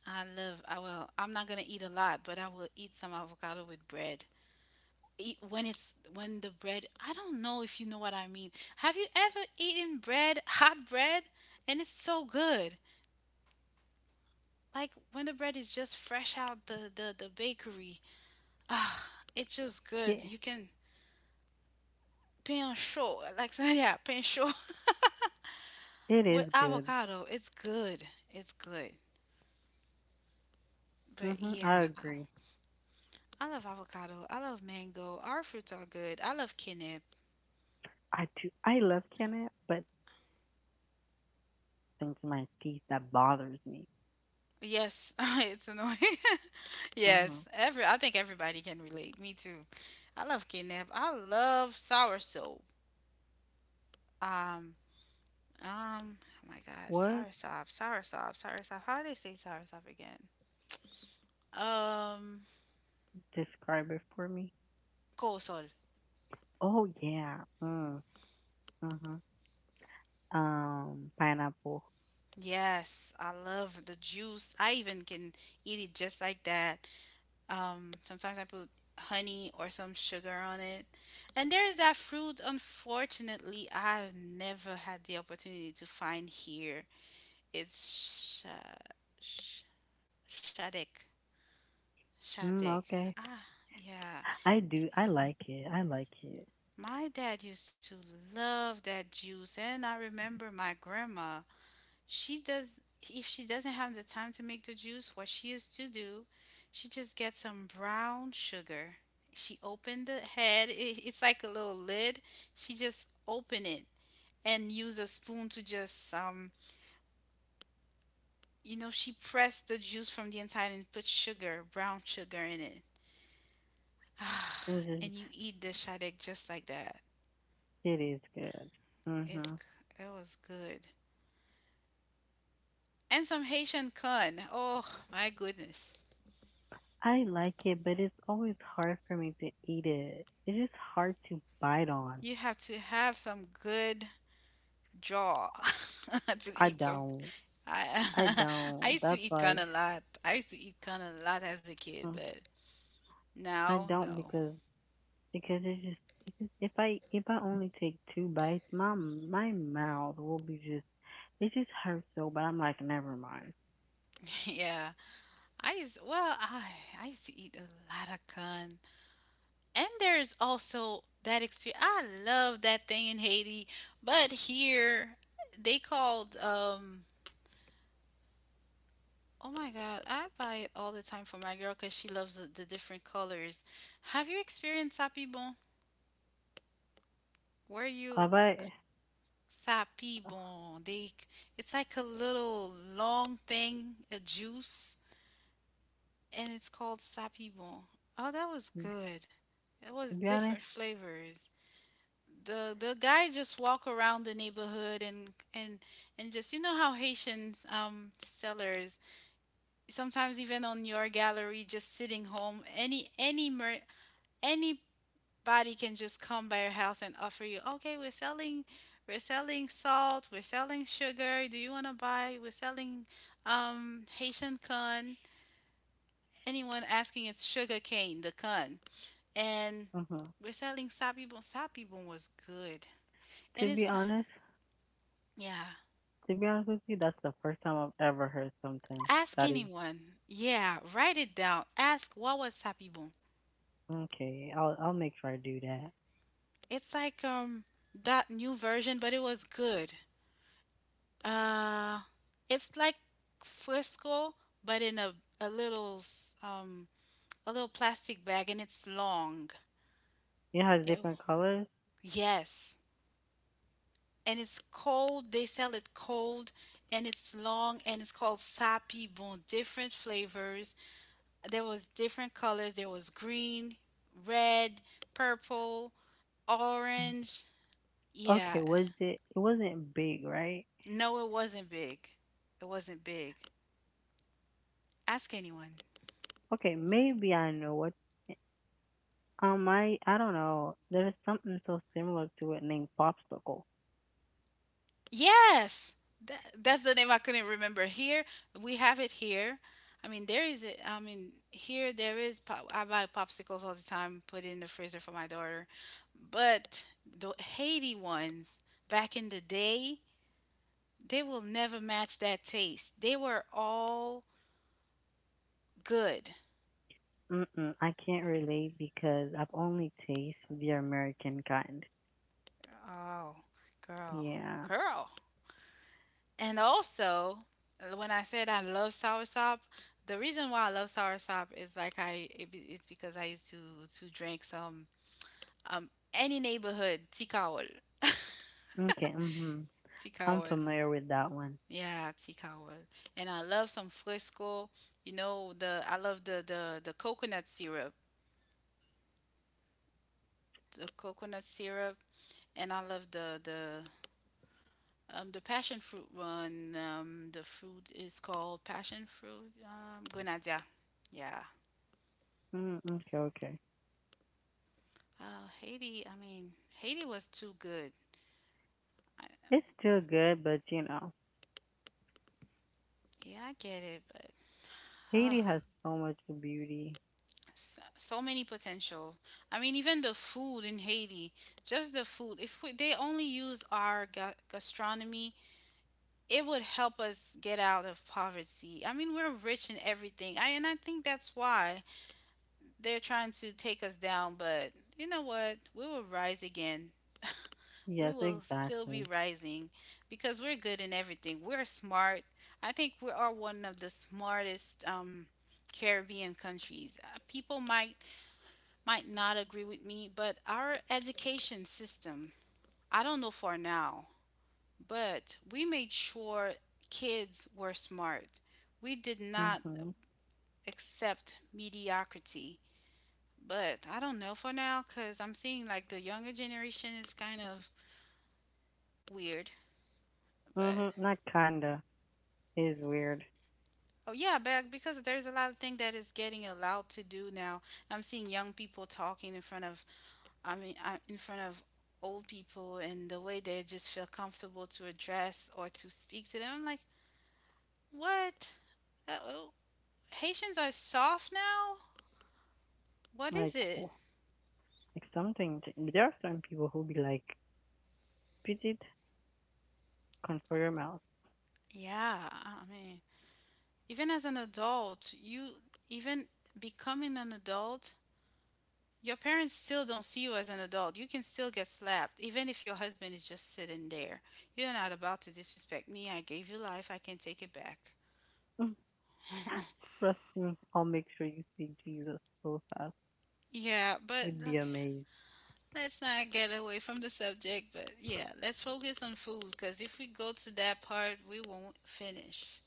I will, I'm not gonna eat a lot, but I will eat some avocado with bread. When the bread, I don't know if you know what I mean. Have you ever eaten bread, hot bread? And it's so good. Like when the bread is just fresh out the bakery. Ah, it's just It, good. Pain chaud, like, yeah, pain chaud it with is good. avocado. It's good. It's good. But Mhm. yeah, I agree. I love avocado. I love mango. Our fruits are good. I love quinoa. I do. I love canned, but not that much because it just does something to my teeth that bothers me. Yes, it's annoying. Mhm. Yes, every I think everybody can relate. Me too. I love kidnap. I love sour soap. Um, oh my God, What? Sour soap. How do they say sour soap again? Um, Describe it for me. kosol. Oh yeah. Mm, huh. Pineapple. Yes, I love the juice. I even can eat it just like that. Sometimes I put honey or some sugar on it. And there is that fruit, unfortunately, I've never had the opportunity to find here. It's sha- sh- shadek. Mm, Shadek. okay. Ah, yeah. I do. I like it. I like it. My dad used to love that juice, and I remember my grandma. She does, if she doesn't have the time to make the juice, what she used to do, she just gets some brown sugar. She opened the head, it, it's like a little lid. She just open it and use a spoon to just, you know, she pressed the juice from the inside and put sugar, brown sugar in it. I'm And just. you eat the shadek just like that. It is good. Mhm. It was good. And some Haitian con. Oh my goodness. I like it, but it's always hard for me to eat it. It's just hard to bite on. You have to have some good jaw to I eat some. don't. I I I don't. used to That's eat kind why of lot. I used to eat kind of lot as a kid, mm, but I now don't no. because it's just. It's just if I only take two bites, my mouth will be just. It just hurts though, but I'm like, never mind. Yeah, I used well I I used to eat a lot of con, and there's also that experience. I love that thing in Haiti, but here they called oh my god, I buy it all the time for my girl because she loves the different colors. Have you experienced sapibon where you. But uh, Sapibon. They It's like a little long thing, a juice, and it's called sapibon. Oh, that was good. It was to be different honest, flavors. The guy just walk around the neighborhood and just you know how Haitians sellers sometimes even on your gallery just sitting home any body can just come by your house and offer you, okay, we're selling salt, we're selling sugar. Do you want to buy? We're selling Haitian con. Anyone asking, it's sugar cane, the con, and uh we're selling sapibon. Sapibon was good, to and be it's like, honest, yeah. to be honest with you, that's the first time I've ever heard something Ask that is anyone. Yeah, write it down. Ask what was sapibon. okay. I'll make sure I do that. It's like that new version, but it was good. Uh, it's like Frisco, but in a a little s- um a little plastic bag, and it's long. It has Ew. different colors. Yes, and it's cold. They sell it cold, and it's long, and it's called Sapi Bon. Different flavors. There was different colors. There was green, red, purple, orange. Okay, Yeah. was it? It wasn't big, right? No, it wasn't big. It wasn't big. Ask anyone. Okay, maybe I know what. I don't know. There's something so similar to it named popsicle. Yes, that's the name I couldn't remember. Here we have it. Here, I mean, there is it. I mean, here there is. I buy popsicles all the time, put it in the freezer for my daughter. But the Haiti ones back in the day, they will never match that taste. They were all good. Mm-mm, I can't relate because I've only tasted the American kind. Oh, girl, Yeah, girl. And also, when I said I love soursop, the reason why I love soursop is it's because I used to drink some any neighborhood tikawal, okay, mhm. I'm tikawal familiar with that one. yeah, tikawal, and I love some frisco, you know the I love the coconut syrup, the coconut syrup, and I love the passion fruit one, the fruit is called passion fruit, grenadilla, yeah. Mm, okay, okay. Wow, Haiti was too good. I, It's still good, but you know, yeah, I get it, but oh, Haiti has so much beauty. so, so many potential. I mean, even the food in Haiti, just the food. If we, they only used our gastronomy, it would help us get out of poverty. I mean, we're rich in everything. I think that's why they're trying to take us down, but you know what? We will rise again. We Yes, will still be exactly. rising because we're good in everything. We're smart. I think we are one of the smartest Caribbean countries. People might not agree with me, but our education system, I don't know for now, but we made sure kids were smart. We did not Mhm. accept mediocrity. But I don't know for now because I'm seeing like the younger generation is kind of weird. But Mhm. Not kinda. It is weird. oh yeah, back because there's a lot of thing that is getting allowed to do now. I'm seeing young people talking in front of in front of old people and the way they just feel comfortable to address or to speak to them. I'm like, "What? Oh, Haitians are soft now? What is Like, it?" w- There are some people who be like, "Bridget, control your mouth. Yeah, I mean, even as an adult, you even becoming an adult, your parents still don't see you as an adult. You can still get slapped, even if your husband is just sitting there. You're not about to disrespect me. I gave you life. I can take it back. Mm, trust me, I'll make sure you see Jesus so fast. Yeah, but You'd be look, amazed. let's not get away from the subject. But yeah, let's focus on food because if we go to that part, we won't finish.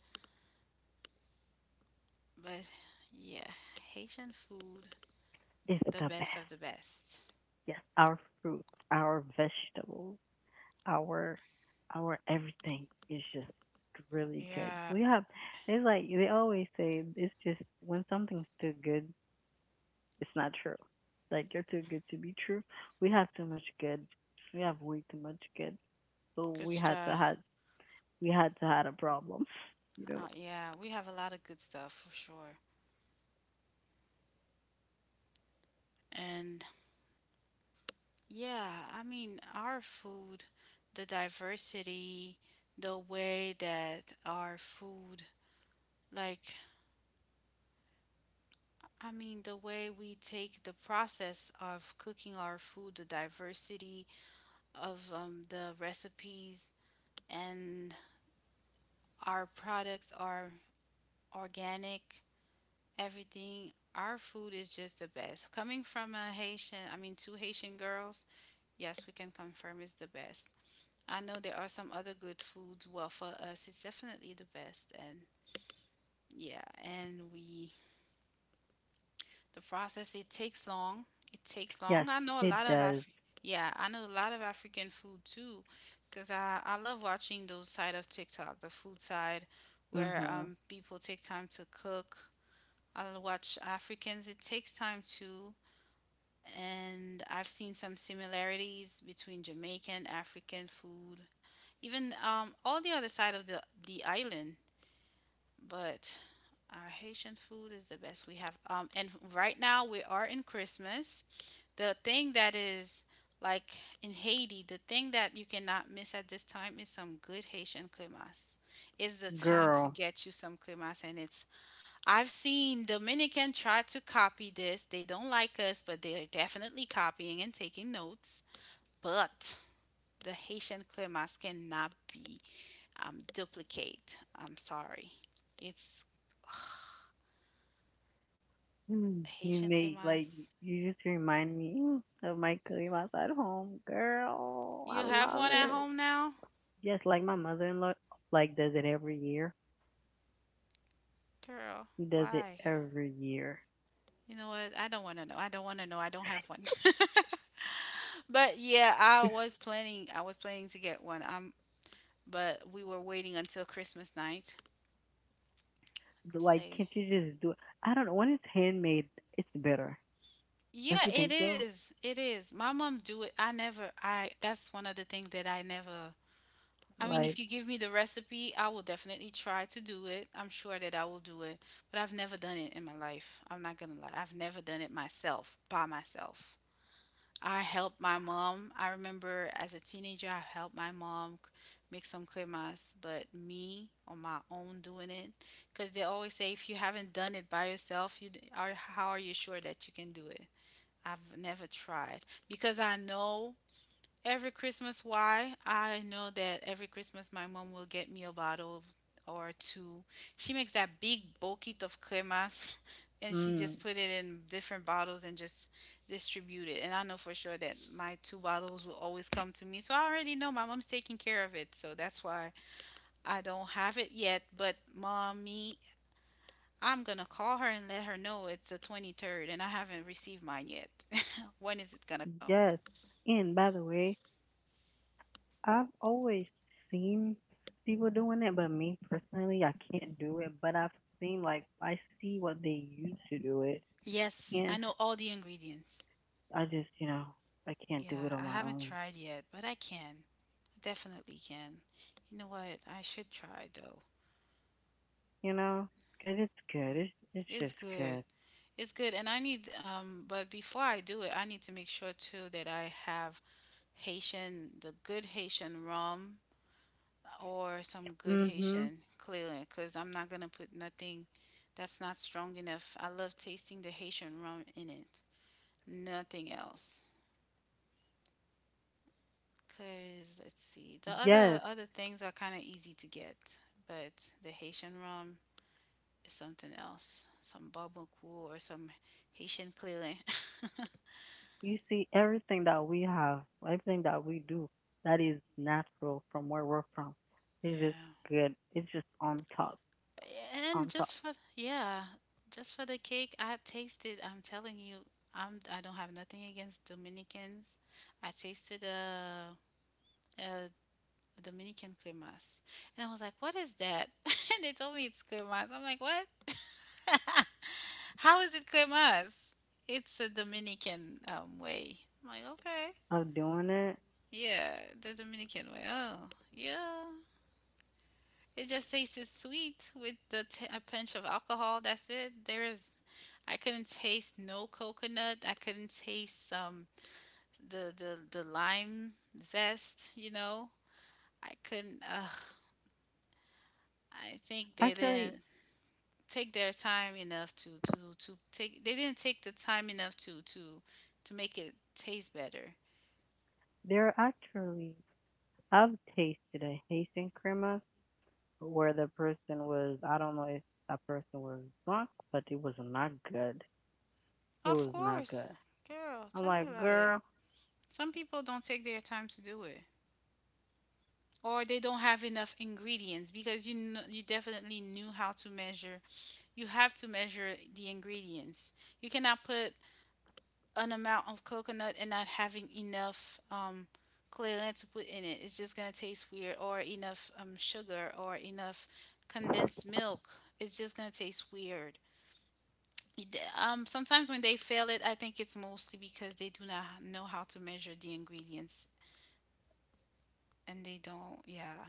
But yeah, Haitian food, It's the the best. best of the best. Yes, our fruits, our vegetables." our our everything is just really good. Yeah, We have It's like they always say it's just when something's too good, it's not true. Like you're too good to be true. We have too much good. We have way too much good. So good stuff. We had to had a problem. You Uh, know. yeah, we have a lot of good stuff for sure. And yeah, I mean, our food, the diversity, the way that our food, like, I mean, the way we take the process of cooking our food, the diversity of the recipes, and our products are organic, everything. Our food is just the best. Coming from a Haitian, I mean, two Haitian girls, yes, we can confirm it's the best. I know there are some other good foods. Well, for us, it's definitely the best. And yeah, and we, the process, it takes long. It takes Yes, long. I know a it lot of does. Yeah, I know a lot of African food too, because I love watching those side of TikTok, the food side, where Mhm. People take time to cook. I'll watch Africans. It takes time too. And I've seen some similarities between Jamaican, African food even all the other side of the island but our Haitian food is the best we have. And right now we are in Christmas. The thing that is like in Haiti, the thing that you cannot miss at this time is some good Haitian cremas. It's the time to Girl. get you some cremas, and it's I've seen Dominican try to copy this. They don't like us, but they are definitely copying and taking notes. But the Haitian cremas cannot be duplicate. I'm sorry. It's Mm, you Haitian made like kumas. you just remind me of my cream outside home, girl. I You have love one at it. home now? Yes, like my mother-in-law, like does it every year. Girl, He does it why? every year. You know what? I don't want to know. I don't want to know. I don't have one. but yeah, I was planning to get one. But we were waiting until Christmas night. Like, Say can't you just do it? I don't know. When it's handmade, it's better. Don't yeah, you it think so? is. It is. My mom do it. I never I that's one of the things that I never I mean, Like, if you give me the recipe, I will definitely try to do it. I'm sure that I will do it, but I've never done it in my life. I'm not gonna lie. I've never done it myself, by myself. I helped my mom. I remember as a teenager, I helped my mom make some cremas, but me on my own doing it, because they always say if you haven't done it by yourself, you d- are how are you sure that you can do it? I've never tried because I know Every Christmas, why? I know that every Christmas my mom will get me a bottle or two. She makes that big bucket of cremas and she mm, just put it in different bottles and just distribute it. And I know for sure that my two bottles will always come to me. So I already know my mom's taking care of it. So that's why I don't have it yet. But mommy, I'm gonna call her and let her know it's the 23rd and I haven't received mine yet. when is it gonna come? yes. And by the way, I've always seen people doing it, but me personally, I can't do it. But I've seen I see what they used to do it, Yes, and I know all the ingredients. I just you know I can't do it Yeah, on I my haven't own. tried yet, but I can. I definitely can. You know what? I should try though. You know, because it's good. It's It's just good. good. It's good, and I need But before I do it, I need to make sure too that I have Haitian, the good Haitian rum, or some good Mhm. Haitian clearly, because I'm not gonna put nothing that's not strong enough. I love tasting the Haitian rum in it. Nothing else. Cause let's see, the other Yes, other things are kind of easy to get, but the Haitian rum is something else. Some bubble cool or some Haitian clearly. you see, everything that we have, everything that we do, that is natural from where we're from. It's just yeah, good. It's just and on top just for yeah, just for the cake, I tasted. I'm telling you, I don't have nothing against Dominicans. I tasted a Dominican cremas, and I was like, what is that? and they told me it's cremas. I'm like, what? How is it cremas? It's a Dominican way. I'm like, okay. of doing it. Yeah, the Dominican way. Oh, yeah. It just tasted sweet with a pinch of alcohol. That's it. There is, I couldn't taste no coconut. I couldn't taste the lime zest. You know, I couldn't. Ugh. I think they Actually, didn't take their time enough to take. They didn't take the time enough to make it taste better. there are actually, I've tasted a Haitian crema where the person was, I don't know if that person was drunk, but it was not good. It Of was not course. good. Girl, I'm tell me like, about it. girl, Some people don't take their time to do it. Or they don't have enough ingredients because you definitely knew how to measure. You have to measure the ingredients. You cannot put an amount of coconut and not having enough clearance to put in it. It's just gonna taste weird. Or enough sugar or enough condensed milk. It's just gonna taste weird. Sometimes when they fail it, I think it's mostly because they do not know how to measure the ingredients and they don't, yeah.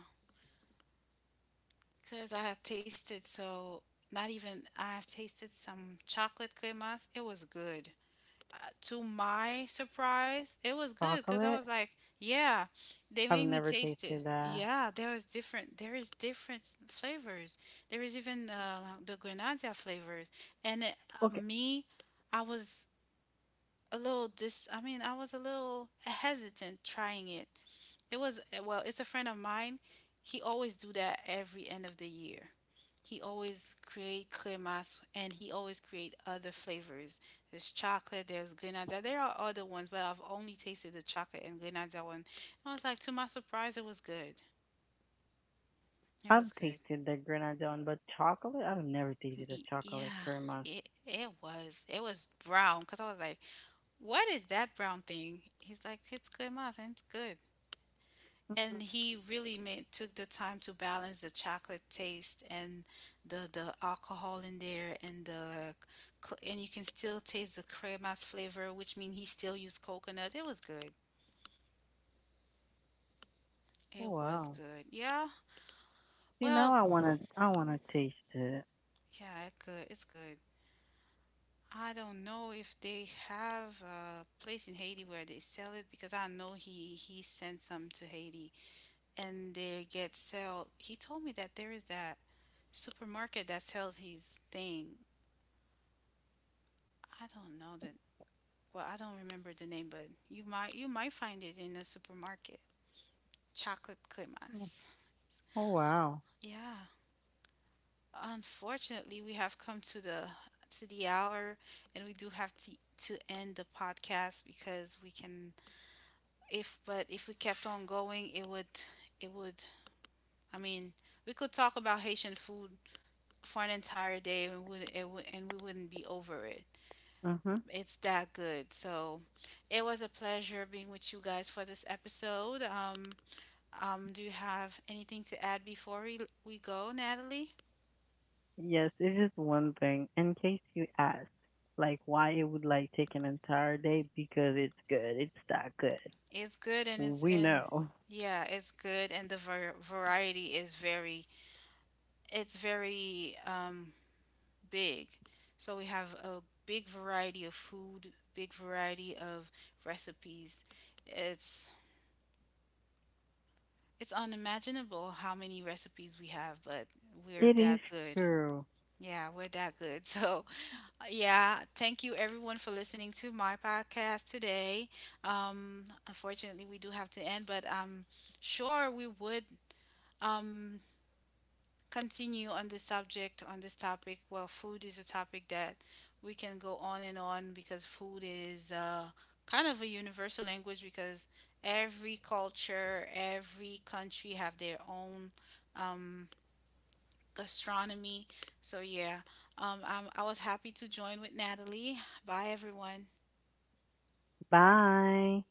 Because I have tasted so, not even, I have tasted some chocolate cremas. It was good. To my surprise, it was good because I chocolate? was like, yeah, they I've made me never taste it. tasted that. Yeah, there is different flavors. There is even the Grenada flavors. And it, Okay, me, I was a little dis I mean, I was a little hesitant trying it. It was well, it's a friend of mine. He always do that every end of the year. He always create cremas and he always create other flavors. There's chocolate, there's grenadilla. There are other ones, but I've only tasted the chocolate and grenadilla one. I was like, to my surprise, it was good. It was I've good. tasted the grenadine, but chocolate? I've never tasted a chocolate Yeah, crema. it was. It was brown because I was like, "What is that brown thing?" He's like, "It's crema's and it's good." And he really made took the time to balance the chocolate taste and the alcohol in there and the and you can still taste the cremas flavor, which means he still used coconut. It was good. Oh It was wow. good, yeah. See now Well, I wanna taste it. yeah, it good, it's good. I don't know if they have a place in Haiti where they sell it because I know he sent some to Haiti and they get sell. He told me that there is that supermarket that sells his thing. I don't know that. Well, I don't remember the name, but you might find it in a supermarket. Chocolate Mm, cremas. oh wow. Yeah. Unfortunately, we have come to the hour, and we do have to end the podcast because we can. If we kept on going, it would it would I mean, we could talk about Haitian food for an entire day, and would it would, and we wouldn't be over it. Mhm. It's that good. So it was a pleasure being with you guys for this episode. Do you have anything to add before we go, Natalie? Yes, it's just one thing. In case you ask, why it would take an entire day because it's good. It's that good. It's good and it's We and know. yeah, it's good and variety is very it's very big. So we have a big variety of food, big variety of recipes. It's it's unimaginable how many recipes we have, but we're It is that good. true. Yeah, we're that good. So, yeah, thank you everyone for listening to my podcast today. Unfortunately, we do have to end, but I'm sure we would um, continue on this subject, on this topic. Well, food is a topic that we can go on and on because food is kind of a universal language because every culture, every country have their own um, gastronomy. So yeah, I was happy to join with Natalie. Bye, everyone. Bye.